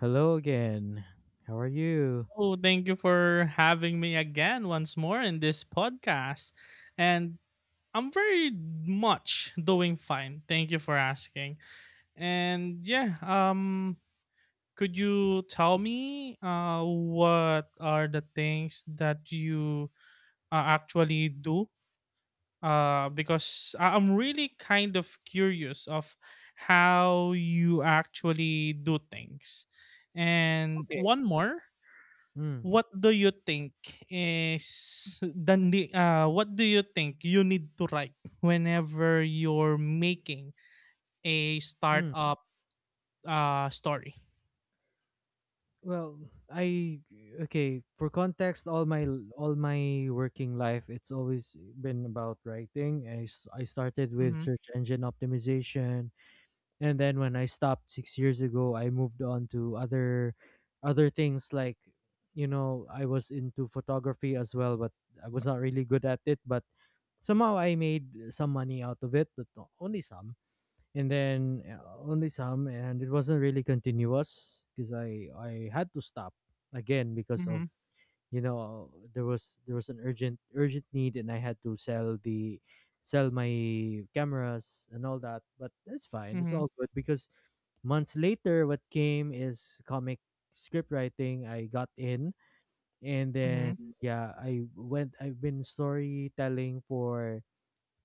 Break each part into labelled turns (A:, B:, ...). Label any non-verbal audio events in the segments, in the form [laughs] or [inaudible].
A: Hello again. How are you?
B: Oh, thank you for having me again once more in this podcast. And I'm very much doing fine. Thank you for asking. And yeah, could you tell me what are the things that you actually do? Because I'm really kind of curious of how you actually do things. And
A: Okay.
B: one more,
A: Mm,
B: what do you think what do you think you need to write whenever you're making a
A: mm.
B: startup story?
A: Well, I okay, for context, all my working life it's always been about writing. I started with
B: Mm-hmm.
A: search engine optimization, and then when I stopped 6 years ago, I moved on to other things like, you know, I was into photography as well, but I was not really good at it, but somehow I made some money out of it, but only some, and it wasn't really continuous because I had to stop again because of,
B: Mm-hmm.
A: you know, there was an urgent need, and I had to sell the, sell my cameras and all that, but that's fine, it's
B: Mm-hmm.
A: all good. Because months later what came is comic script writing. I got in, and
B: Mm-hmm.
A: then yeah, I've been storytelling for,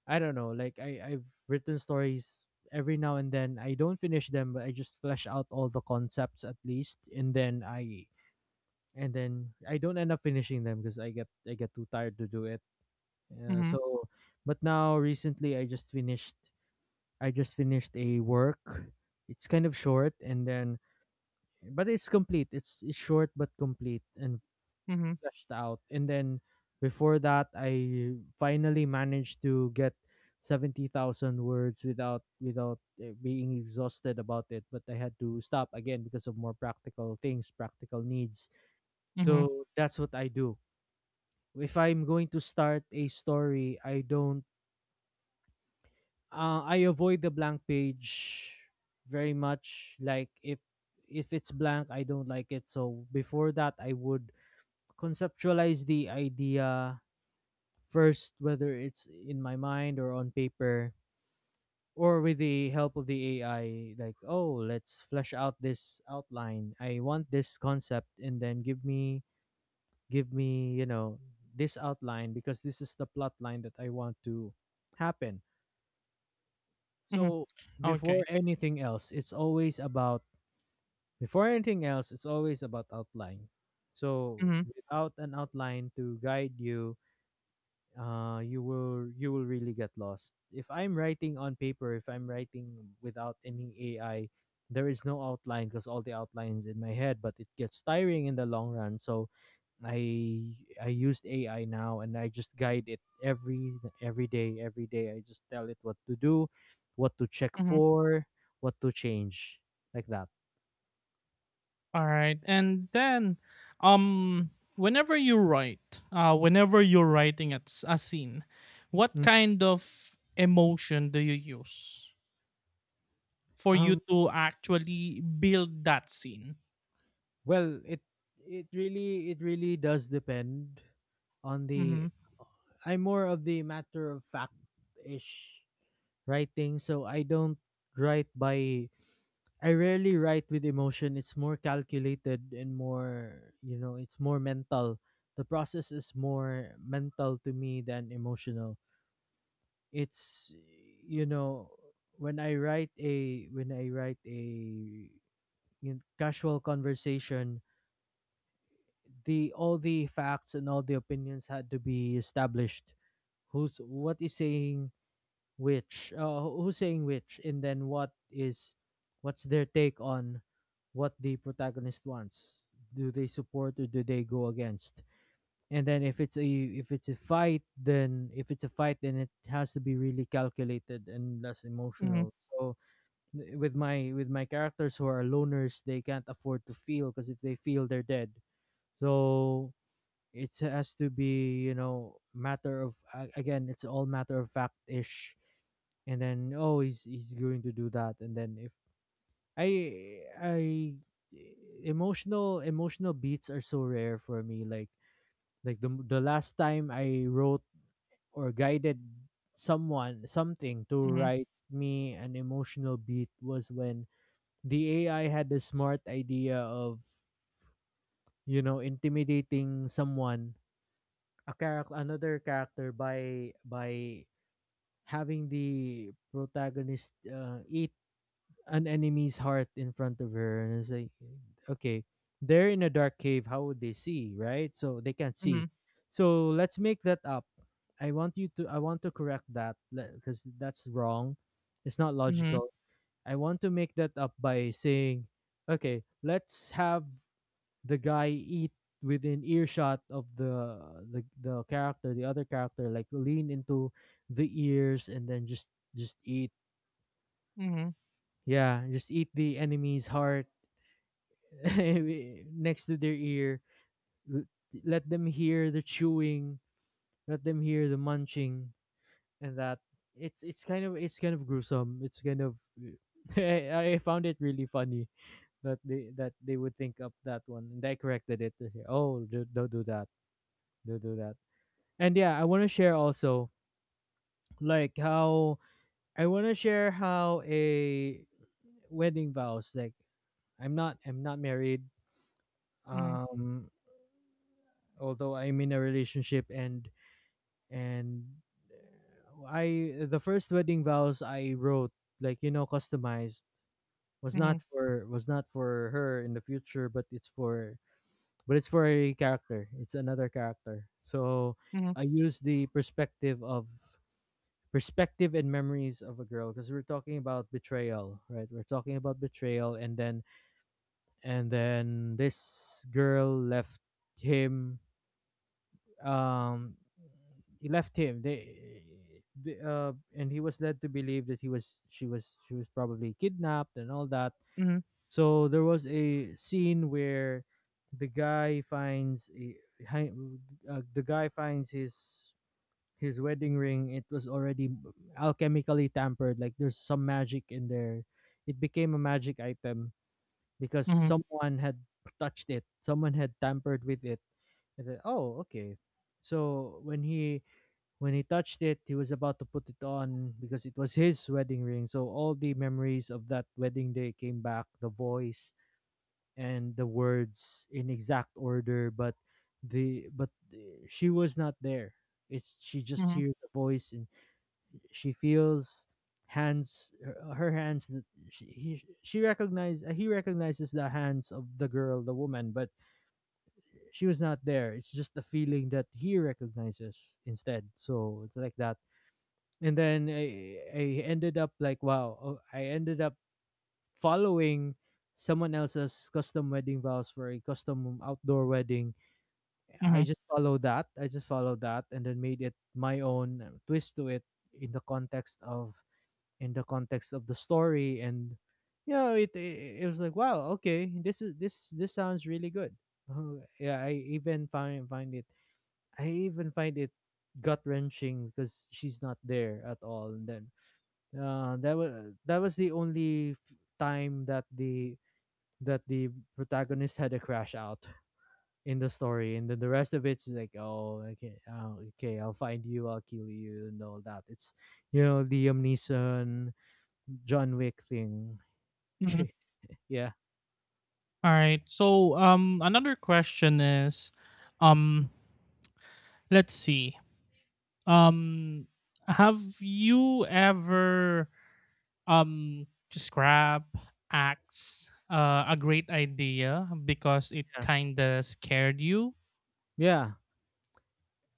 A: I don't know, like I've written stories every now and then. I don't finish them, but I just flesh out all the concepts at least, and then I don't end up finishing them because I get too tired to do it. Uh,
B: Mm-hmm.
A: so, but now recently I just finished a work. It's kind of short, and then, but it's complete. It's short but complete and
B: Mm-hmm.
A: fleshed out. And then before that, I finally managed to get 70,000 words without being exhausted about it. But I had to stop again because of more practical things, practical needs.
B: Mm-hmm.
A: So that's what I do. If I'm going to start a story, I don't. I avoid the blank page very much. Like if it's blank, I don't like it. So before that, I would conceptualize the idea first, whether it's in my mind or on paper or with the help of the AI, like, oh, let's flesh out this outline, I want this concept, and then give me, you know, this outline, because this is the plot line that I want to happen.
B: Hmm.
A: So before
B: Okay.
A: anything else it's always about before anything else, it's always about outline. So
B: Mm-hmm.
A: without an outline to guide you, you will, you will really get lost. If I'm writing on paper, if I'm writing without any AI, there is no outline because all the outlines in my head, but it gets tiring in the long run. So I used AI now, and I just guide it every, every day I just tell it what to do, what to check
B: Mm-hmm.
A: for, what to change, like that.
B: All right. And then, um, whenever you write, whenever you're writing at a scene, what
A: Mm.
B: kind of emotion do you use for you
A: um
B: to actually build that scene?
A: well, it really does depend on the,
B: Mhm.
A: I'm more of the matter of fact ish writing, so I don't write by I rarely write with emotion. It's more calculated and more, you know, it's more mental. The process is more mental to me than emotional. It's, you know, when I write a when I write a in casual conversation, the all the facts and all the opinions had to be established, who's what is saying. Which? Who's saying which? And then what is? What's their take on what the protagonist wants? Do they support or do they go against? And then if it's a fight, then it has to be really calculated and less emotional.
B: Mhm.
A: So with my characters who are loners, they can't afford to feel, because if they feel, they're dead. So it has to be, you know, matter of again, it's all matter of fact ish. And then, oh, he's going to do that, and then if I I emotional, beats are so rare for me, like the last time I wrote or guided someone, something to
B: Mhm.
A: write me an emotional beat was when the AI had the smart idea of, you know, intimidating someone, a character, another character, by having the protagonist eat an enemy's heart in front of her. And it's like, okay, they're in a dark cave, how would they see, right? So they can't see,
B: Mhm.
A: so let's make that up. I want to correct that because that's wrong, it's not logical. I want to make that up by saying, okay, let's have the guy eat within earshot of the, the character, the other character, like lean into the ears, and then just eat.
B: Mhm.
A: Yeah, just eat the enemy's heart [laughs] next to their ear. l- Let them hear the chewing. Let them hear the munching. And that, it's kind of gruesome. It's kind of [laughs] I found it really funny that they would think up that one, and I corrected it, to say, oh, don't do that. Don't do that. And yeah, I want to share also like how, I want to share how a wedding vows, like, I'm not married.
B: Mhm.
A: Um, although I'm in a relationship, and and I, the first wedding vows I wrote, like, you know, customized,
B: Mhm. Mhm.
A: was not for her in the future, but it's for a character, it's another character. So
B: Mhm.
A: I use the perspective of, perspective and memories of a girl, because we're talking about betrayal, right? We're talking about betrayal and then and then this girl left him. Um, he left him they, the and he was led to believe that he was she was, probably kidnapped and all that.
B: Mhm.
A: So there was a scene where the guy finds a, hi- the guy finds his wedding ring. It was already alchemically tampered, like there's some magic in there, it became a magic item because
B: Mhm.
A: someone had touched it, someone had tampered with it. I said, "Oh, okay." So when he, when he touched it, he was about to put it on because it was his wedding ring. So all the memories of that wedding day came back, the voice and the words in exact order, but she was not there. It's, she just
B: Mhm.
A: hears the voice, and she feels hands, her hands, that she he, she recognized he recognizes the hands of the girl, the woman, but she was not there. It's just the feeling that he recognizes instead. So it's like that. And then, I ended up like, wow, oh, I ended up following someone else's custom wedding vows for a custom outdoor wedding.
B: Mhm.
A: I just followed that and then made it my own twist to it in the context of, in the context of the story. And, you know, it it was like, wow, okay, this is, this sounds really good. [laughs] Yeah, I even find it, I even find it gut wrenching because she's not there at all. And then that was the only time that the, that the protagonist had a crash out in the story. And then the rest of it's like, oh, okay, oh, okay, I'll find you, I'll kill you, and all that. It's, you know, the Liam Neeson, John Wick thing. [laughs]
B: Mhm.
A: Yeah,
B: All right. So another question is, um let's see. Um have you ever just grab acts a great idea because it
A: yeah,
B: kind of scared you?
A: yeah.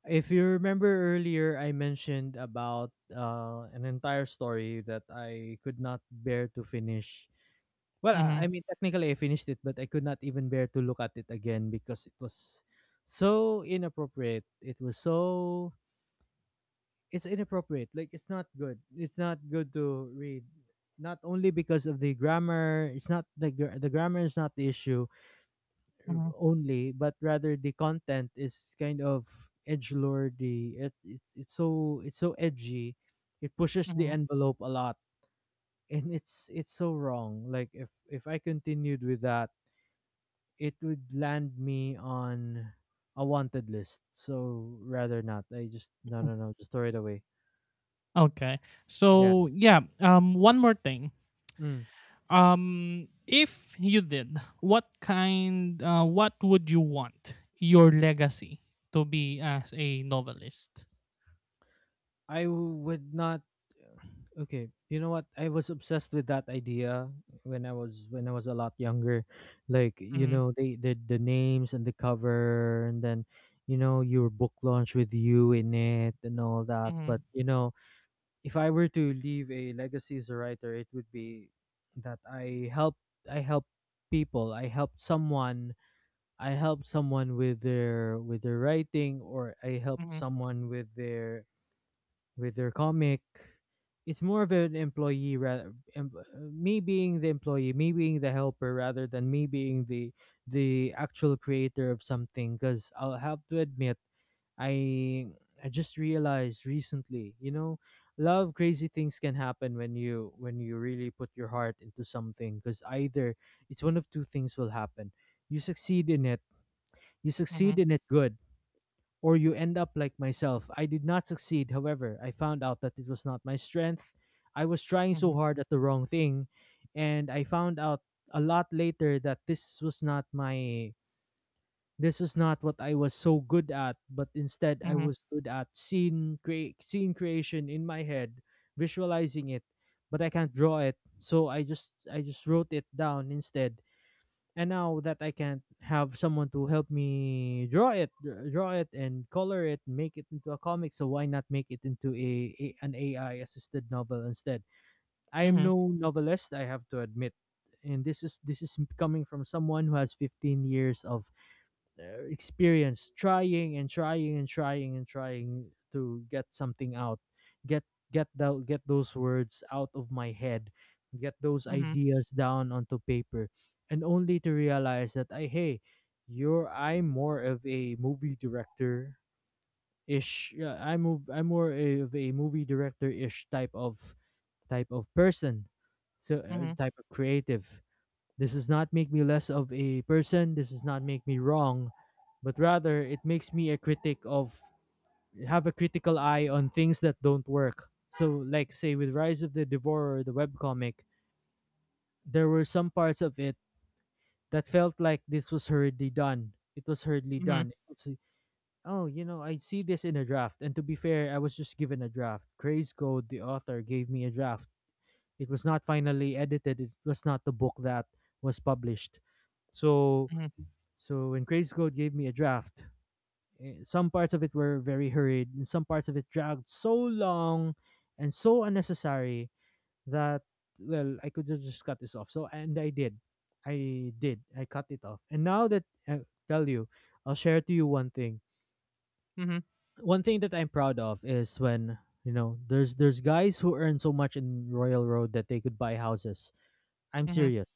A: If you remember earlier, I mentioned about an entire story that I could not bear to finish. Well, I
B: Mhm,
A: mean, technically I finished it, but I could not even bear to look at it again because it was so inappropriate. It was so. It's inappropriate. Like, it's not good. It's not good to read. Not only because of the grammar, it's not the, the grammar is not the issue
B: mhm,
A: only, but rather the content is kind of edge lordy. It's so, it's so edgy. It pushes the
B: mhm,
A: envelope a lot, [laughs] and it's so wrong. Like if I continued with that, it would land me on a wanted list. So rather not. I just, no,
B: mhm.
A: no, no. Just throw it away.
B: Okay.
A: Yeah.
B: So yeah, one more thing.
A: Mm.
B: If you did, what would you want your legacy to be as a novelist?
A: I would not, okay, you know what? I was obsessed with that idea when I was, when I was a lot younger. Like, you
B: Mhm,
A: know, they, the names and the cover, and then, you know, your book launch with you in it and all that. But,
B: mhm,
A: you know, if I were to leave a legacy as a writer, it would be that I helped people. I helped someone. I helped someone with their, with their writing, or I helped
B: mhm,
A: someone with their comic. It's more of an employee, rather me being the employee, me being the helper, rather than me being the actual creator of something. Because I'll have to admit, I I just realized recently, you know, love crazy things can happen when you, when you really put your heart into something. Because either it's one of two things will happen: you succeed in it, you succeed
B: mhm,
A: in it good, or you end up like myself. I did not succeed, however. I found out that it was not my strength. I was trying so
B: mhm,
A: hard at the wrong thing, and I found out a lot later that this was not what I was so good at, but instead I
B: mhm,
A: was good at scene creation in my head, visualizing it, but I can't draw it. So I just wrote it down instead. And now that I can't have someone to help me draw it, draw it and color it, make it into a comic, so why not make it into a an AI assisted novel instead? I am
B: mhm,
A: no novelist, I have to admit. And this is coming from someone who has 15 years of experience trying and trying and trying and trying to get something out, get get those words out of my head, get those
B: mhm,
A: ideas down onto paper, and only to realize that, I hey, you're I'm more of a movie director ish. Yeah, I'm more of a movie director ish type of person. So
B: mhm,
A: type of creative. This does not make me less of a person. This does not make me wrong, but rather it makes me a critic of have a critical eye on things that don't work. So, like say with Rise of the Devourer, the webcomic, there were some parts of it that felt like this was hurriedly done. It was hurriedly
B: mhm,
A: done. It's like, oh, you know, I see this in a draft. And to be fair, I was just given a draft. Craze Code, the author, gave me a draft. It was not finally edited. It was not the book that was published. So,
B: mhm,
A: so when Graves Code gave me a draft, some parts of it were very hurried, and some parts of it dragged so long and so unnecessary that, well, I could have just cut this off. So, and I did, I cut it off. And now that I tell you, I'll share to you one thing.
B: mhm,
A: One thing that I'm proud of is when, you know, there's guys who earn so much in Royal Road that they could buy houses. I'm
B: mhm, mhm,
A: serious.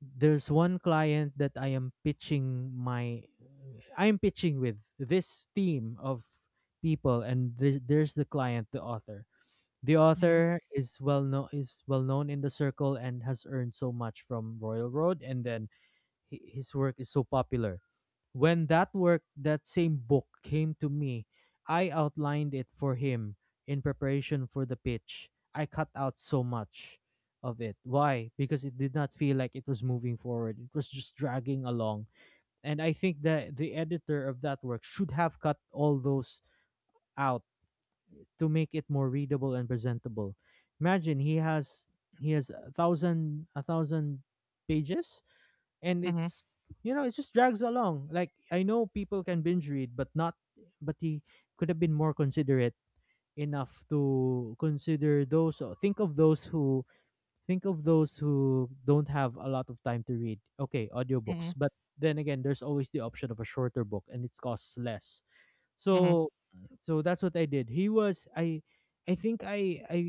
A: There's one client that I'm pitching with this team of people, and there's the client, the
B: mhm,
A: author is well known, in the circle and has earned so much from Royal Road. And then his work is so popular. When that work, that same book came to me, I outlined it for him in preparation for the pitch. I cut out so much of it. Why? Because it did not feel like it was moving forward. It was just dragging along. And I think that the editor of that work should have cut all those out to make it more readable and presentable. Imagine he has, he has a thousand pages, and
B: mhm.
A: it's, you know, it just drags along. Like, I know people can binge read, but not, but he could have been more considerate enough to consider those, think of those who, think of those who don't have a lot of time to read, okay, audiobooks.
B: Mhm,
A: But then again, there's always the option of a shorter book, and it costs less.
B: mhm,
A: So, so that's what I did. He was I think,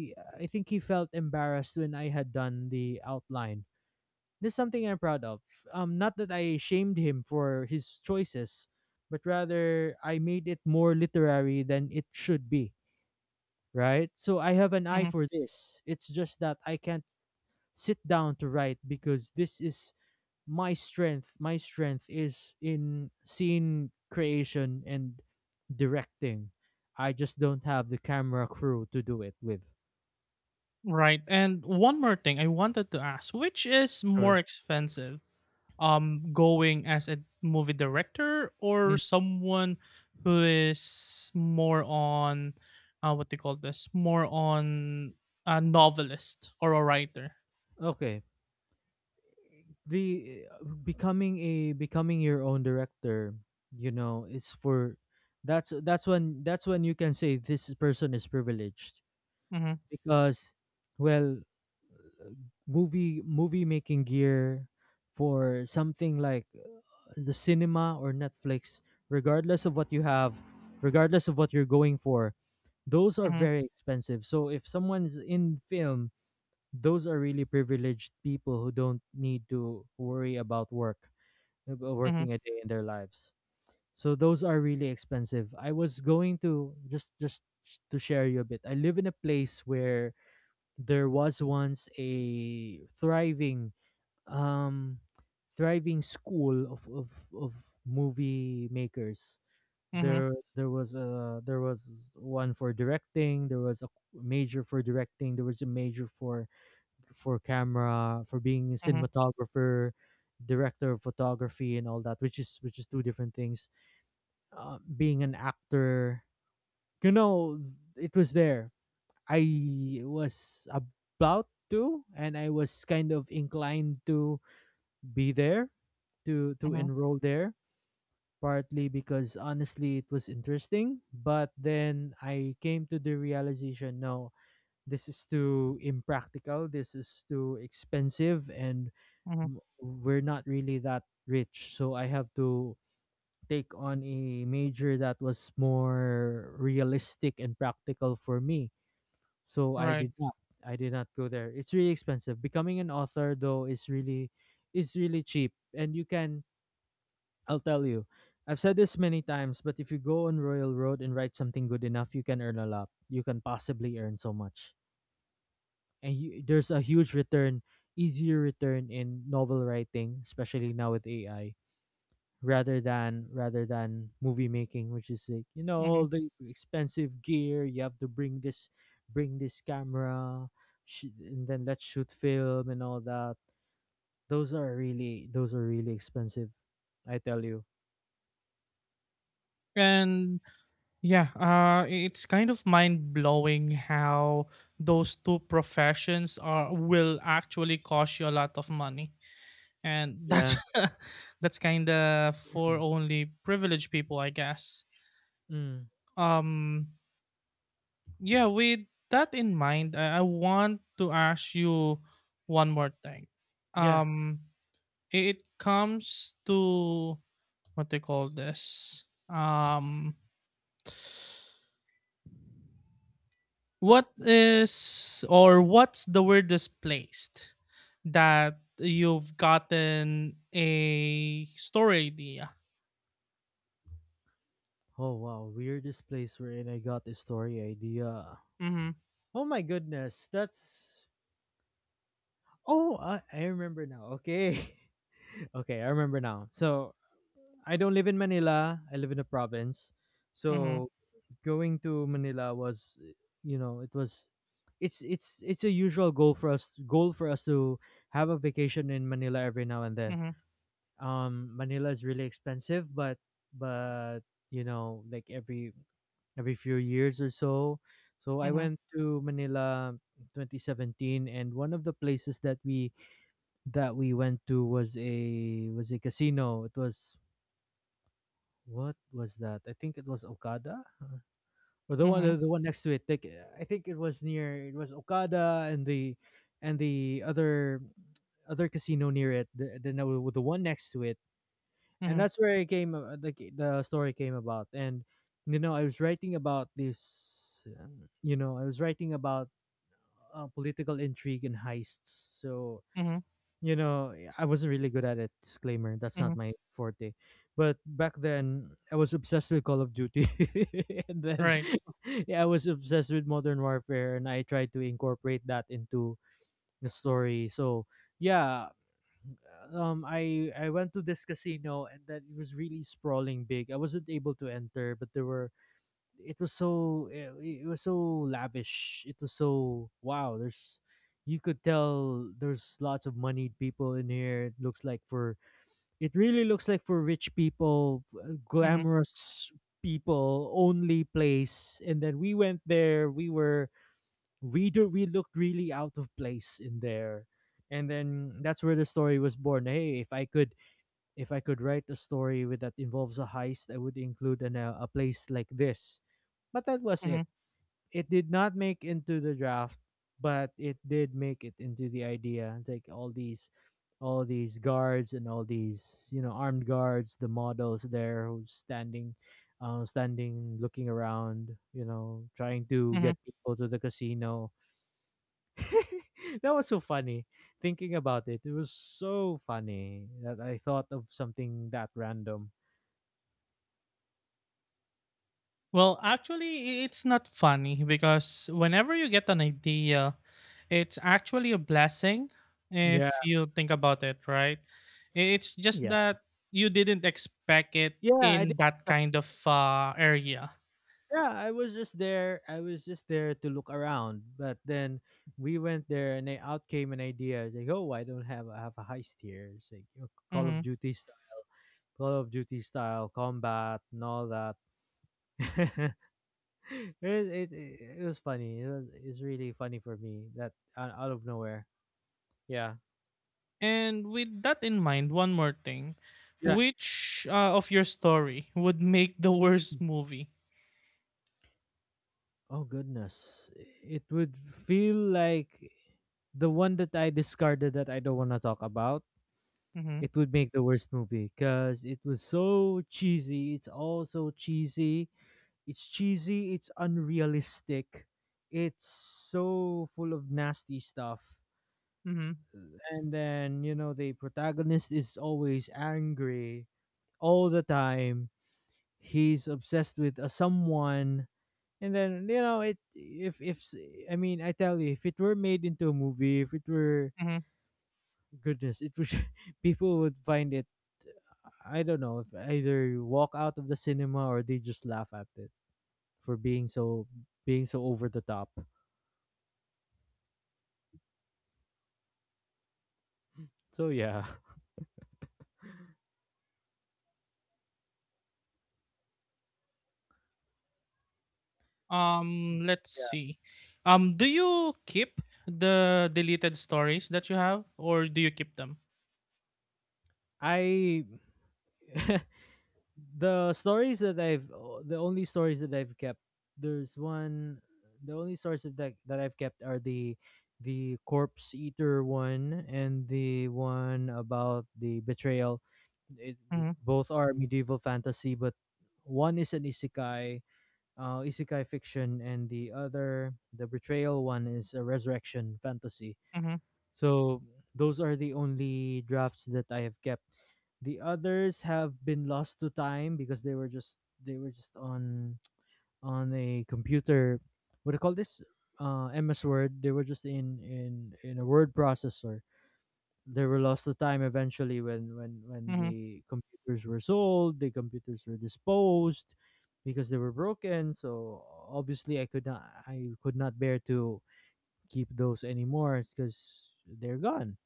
A: I think he felt embarrassed when I had done the outline. This something I'm proud of. Not that I shamed him for his choices, but rather I made it more literary than it should be, right? So I have an eye
B: mhm.
A: for this. It's just that I can't sit down to write because this is my strength. My strength is in scene creation and directing. I just don't have the camera crew to do it with.
B: Right, and one more thing I wanted to ask, which is more
A: Sure.
B: expensive? Going as a movie director, or
A: Mm.
B: someone who is more on, what they call this, more on a novelist or a writer?
A: Okay. the Becoming a, becoming your own director, you know, it's for, that's that's when you can say this person is privileged.
B: Mm-hmm,
A: Because, well, movie making gear for something like, the cinema or Netflix, regardless of what you have, regardless of what you're going for, those are
B: mm-hmm,
A: very expensive. So if someone's in film, those are really privileged people who don't need to worry about work,
B: mm-hmm,
A: working a day in their lives. So those are really expensive. I was going to to share you a bit. I live in a place where there was once a thriving, um thriving school of of movie makers. There was one for directing, there was a major for directing, there was a major for camera, for being a
B: mm-hmm,
A: cinematographer, director of photography, and all that, which is, which is two different things. Being an actor, you know, it was there. I was about to, and I was kind of inclined to be there, to
B: mm-hmm,
A: enroll there. Partly because honestly, it was interesting, but then I came to the realization: no, this is too impractical, this is too expensive, and
B: mm-hmm.
A: we're not really that rich, so I have to take on a major that was more realistic and practical for me. So I
B: Right.
A: did not, I did not go there. It's really expensive. Becoming an author, though, is really, is really cheap, and you can, I'll tell you, I've said this many times, but if you go on Royal Road and write something good enough, you can earn a lot, you can possibly earn so much. And there's a huge return, easier return in novel writing, especially now with AI, rather than movie making, which is, like, you know,
B: Mm-hmm.
A: all the expensive gear, you have to bring this, bring this camera, and then let's shoot film and all that. Those are really, those are really expensive, I tell you.
B: And yeah, it's kind of mind blowing how those two professions are will actually cost you a lot of money, and that's
A: Yeah.
B: [laughs] that's kind of for
A: Mm,
B: only privileged people, I guess.
A: mm.
B: Um, yeah, with that in mind, I want to ask you one more thing.
A: Yeah.
B: Um, it comes to what they call this. What is, or what's the weirdest place that you've gotten a story idea?
A: Oh, wow. Weirdest place where I got the story idea.
B: Mhm.
A: Oh my goodness, that's, oh, I remember now. Okay. [laughs] Okay, I remember now. So I don't live in Manila. I live in a province.
B: Mhm.
A: So going to Manila was, you know, it was, it's a usual goal for us, to have a vacation in Manila every now and then.
B: Mhm.
A: Manila is really expensive, but, you know, like every few years or so. So I
B: Mhm.
A: went to Manila 2017, and one of the places that we, that we went to was a, was a casino. It was, what was that? I think it was Okada, or
B: Mhm.
A: the one next to it. Like, I think it was near, it was Okada and the, and the other casino near it. The No, the one next to it. And
B: Mhm.
A: that's where it came. The the story came about. And, you know, I was writing about this. You know, I was writing about, political intrigue and heists. So,
B: Mhm.
A: you know, I wasn't really good at it. Disclaimer, that's not
B: Mhm.
A: my forte. But back then, I was obsessed with Call of Duty, [laughs] and then
B: Right.
A: [laughs] yeah, I was obsessed with Modern Warfare, and I tried to incorporate that into the story. So yeah, I went to this casino, and then it was really sprawling big. I wasn't able to enter, but there were, it was so it was so lavish, it was so, wow, there's, you could tell there's lots of moneyed people in here. It looks like for, it really looks like for rich people,
B: Mhm.
A: glamorous people only place. And then we went there, we were, we looked really out of place in there. And then that's where the story was born. Hey, if I could, if I could write a story with that involves a heist, I would include an, a place like this. But that was it.
B: Mhm.
A: It did not make into the draft, but it did make it into the idea. Like all these guards and all these, you know, armed guards, the models there who's standing, standing, looking around, you know, trying to
B: Mhm.
A: get people to the casino. [laughs] That was so funny. Thinking about it, it was so funny that I thought of something that random.
B: Well, actually, it's not funny because whenever you get an idea, it's actually a blessing
A: Yeah,
B: if you think about it, right? It's just
A: yeah,
B: that you didn't expect it
A: yeah. I did.
B: in that kind of area.
A: Yeah, I was just there. I was just there to look around. But then we went there, and they, out came an idea. It's like, oh, I don't have I have a heist here. It's like, you know, Call of
B: Mhm.
A: Duty, Call of Duty style combat and all that. [laughs] It was funny. It's really funny for me that out, out of nowhere. Yeah.
B: And with that in mind, one more thing.
A: Yeah.
B: Which of your story would make the worst movie?
A: Oh goodness, it would feel like the one that I discarded that I don't want to talk about
B: Mm-hmm.
A: it would make the worst movie because it was so cheesy. It's all so cheesy. It's cheesy. It's unrealistic. It's so full of nasty stuff.
B: Mm-hmm.
A: And then, the protagonist is always angry all the time. He's obsessed with a someone. And then, you know, it if s- I mean, I tell you, if it were made into a movie, if it were goodness, it would [laughs] people would find it I don't know if either walk out of the cinema or they just laugh at it for being so over the top. So yeah,
B: Let's see. Do you keep the deleted stories that you have, or do you keep them?
A: [laughs] I the stories that I've the only stories that I've kept there's one the only stories that I've kept are the corpse eater one and the one about the betrayal. It,
B: Mm-hmm,
A: both are medieval fantasy, but one is an isekai isekai fiction, and the other, the betrayal one, is a resurrection fantasy.
B: mm-hmm,
A: So those are the only drafts that I have kept. The others have been lost to time because they were just on a computer. What do you call this? MS Word. They were just in a word processor. They were lost to time eventually when when
B: mm-hmm,
A: the computers were sold, the computers were disposed because they were broken. So obviously, I could not bear to keep those anymore because they're gone.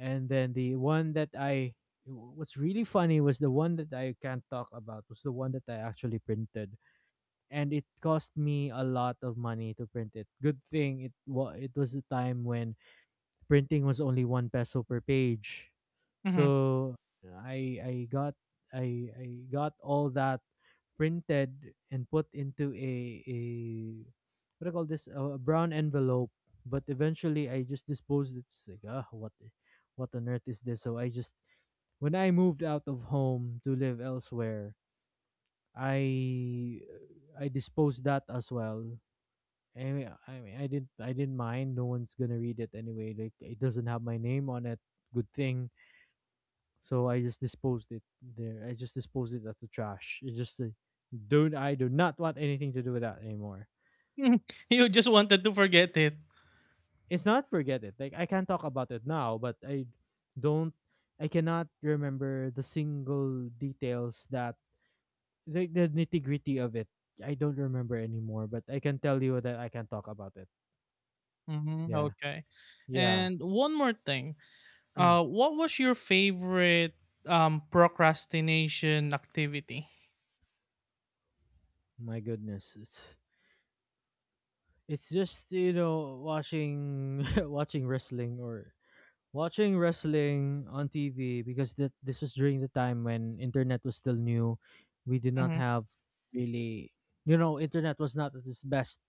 A: And then the one that I what's really funny was the one that I can't talk about was the one that I actually printed and it cost me a lot of money to print it. Good thing it was a time when printing was only one peso per page,
B: mm-hmm.
A: so I got I got all that printed and put into a what do you call this a brown envelope. But eventually I just disposed it. It's like ah what on earth is this? So I just when I moved out of home to live elsewhere, I I disposed that as well. Anyway, I mean, I didn't mind. No one's gonna read it anyway. Like it doesn't have my name on it. Good thing so I just disposed it there. I just disposed it at the trash. It just don't I do not want anything to do with that anymore.
B: [laughs] You just wanted to forget it.
A: It's not forget it. Like I can talk about it now, but I don't I cannot remember the single details that the nitty gritty of it. I don't remember anymore, but I can tell you that I can talk about it.
B: Mm-hmm,
A: Yeah.
B: okay.
A: Yeah.
B: And one more thing.
A: Mm.
B: What was your favorite procrastination activity?
A: My goodness. It's just, watching [laughs] watching wrestling or watching wrestling on TV because this was during the time when internet was still new. We did not
B: Mm-hmm,
A: have really, internet was not at its best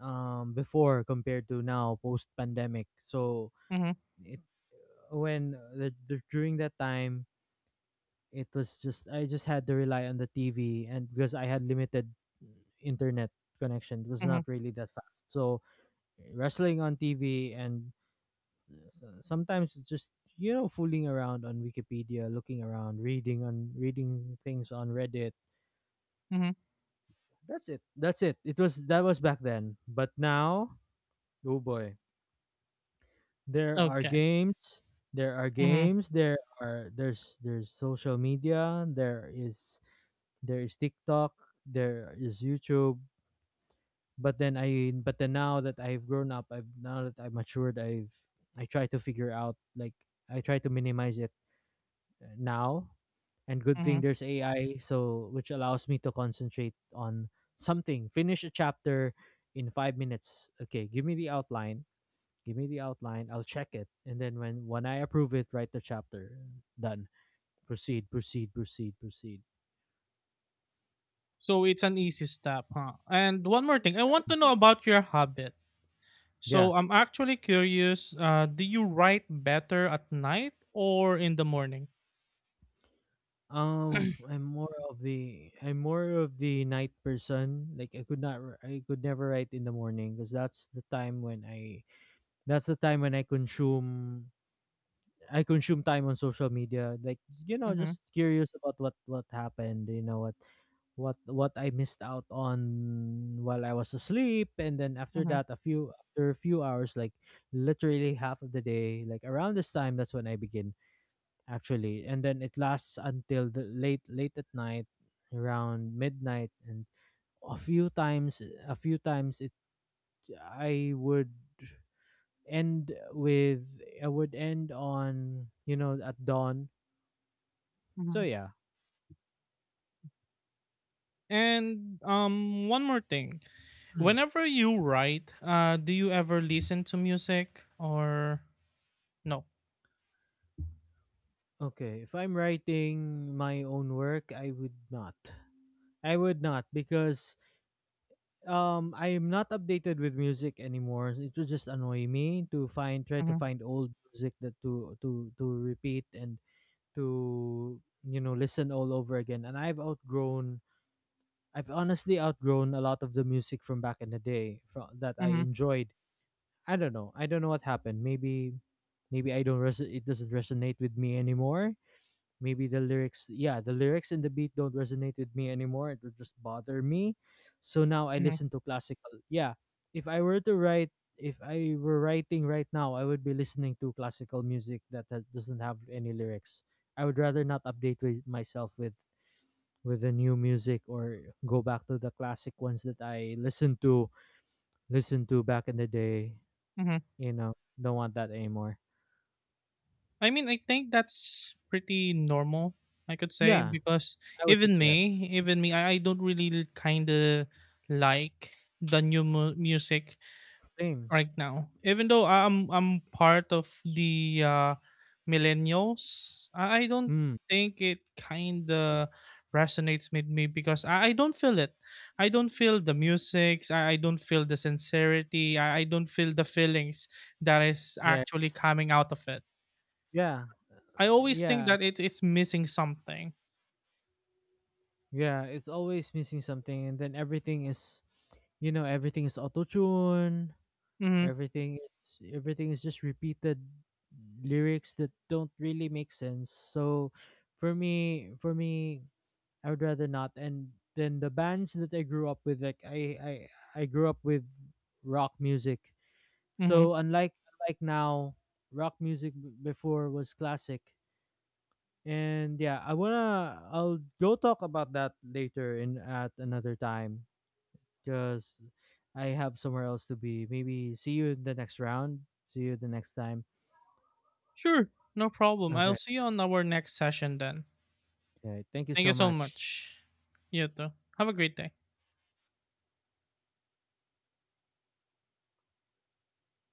A: before compared to now post pandemic. So
B: mm-hmm,
A: it when during that time it was just I just had to rely on the TV and because I had limited internet connection, it was
B: mm-hmm,
A: not really that fast. So wrestling on TV and so sometimes it's just fooling around on Wikipedia, looking around, reading on reading things on Reddit.
B: mm-hmm.
A: That's it. That's it. It was that was back then. But now, oh boy, there are
B: Okay.
A: games. There are
B: Mm-hmm,
A: games. There are there's social media. There is TikTok. There is YouTube. But then I but then now that I've grown up, I've now that I've matured, I've I try to figure out like I try to minimize it now and good
B: mm-hmm.
A: thing there's AI so which allows me to concentrate on something finish a chapter in 5 minutes okay give me the outline give me the outline I'll check it and then when I approve it write the chapter done proceed proceed proceed proceed
B: So it's an easy step, huh? And one more thing. I want to know about your habit.
A: yeah
B: So I'm actually curious, do you write better at night or in the morning?
A: I'm more
B: [clears throat]
A: of the I'm more of the night person like I could never write in the morning because that's the time when I that's the time when I consume time on social media, like
B: Mm-hmm,
A: just curious about what happened, what I missed out on while I was asleep, and then after
B: mm-hmm.
A: that, a few after a few hours, like literally half of the day, like around this time, that's when I begin actually, and then it lasts until the late late at night, around midnight, and a few times a few times it I would end with I would end on at dawn. So
B: Hmm.
A: yeah,
B: And one more thing.
A: mm,
B: Whenever you write, do you ever listen to music or no?
A: okay, if I'm writing my own work, I would not. I would not because I'm not updated with music anymore. It would just annoy me to find try to
B: Mm-hmm,
A: find old music that to repeat and to listen all over again. And I've outgrown I've honestly outgrown a lot of the music from back in the day from, that I
B: mm-hmm,
A: enjoyed. I don't know. I don't know what happened. Maybe maybe I don't res- it doesn't resonate with me anymore maybe the lyrics yeah the lyrics and the beat don't resonate with me anymore it would just bother me so now I
B: mm-hmm,
A: listen to classical yeah if I were to write if I were writing right now I would be listening to classical music that, that doesn't have any lyrics I would rather not update with myself with the new music or go back to the classic ones that I listened to listened to back in the day
B: mm-hmm.
A: you know don't want that anymore
B: I mean, I think that's pretty normal, I could say,
A: yeah
B: because
A: I would say
B: even
A: yes
B: me, even me, I, I don't really kind of like the new music
A: same
B: right now. Even though I'm part of the millennials, I don't
A: mm,
B: think it kind of resonates with me because I don't feel it. I don't feel the musics. I don't feel the sincerity. I don't feel the feelings that is
A: yeah
B: actually coming out of it.
A: yeah
B: I always think
A: yeah
B: that it's missing something.
A: yeah, it's always missing something, and then everything is, everything is auto tune.
B: Mhm.
A: Everything everything is just repeated lyrics that don't really make sense. So, for me, I would rather not. And then the bands that I grew up with, like I grew up with rock music.
B: Mhm.
A: So unlike unlike now, rock music before was classic. And yeah, I wanna I'll go talk about that later in at another time because I have somewhere else to be. Maybe see you in the next round. See you the next time.
B: Sure. No problem. I'll
A: Okay.
B: see you on our next session then.
A: Okay. Thank you
B: Thank
A: so
B: you so
A: much.
B: much. You too. Have a great day.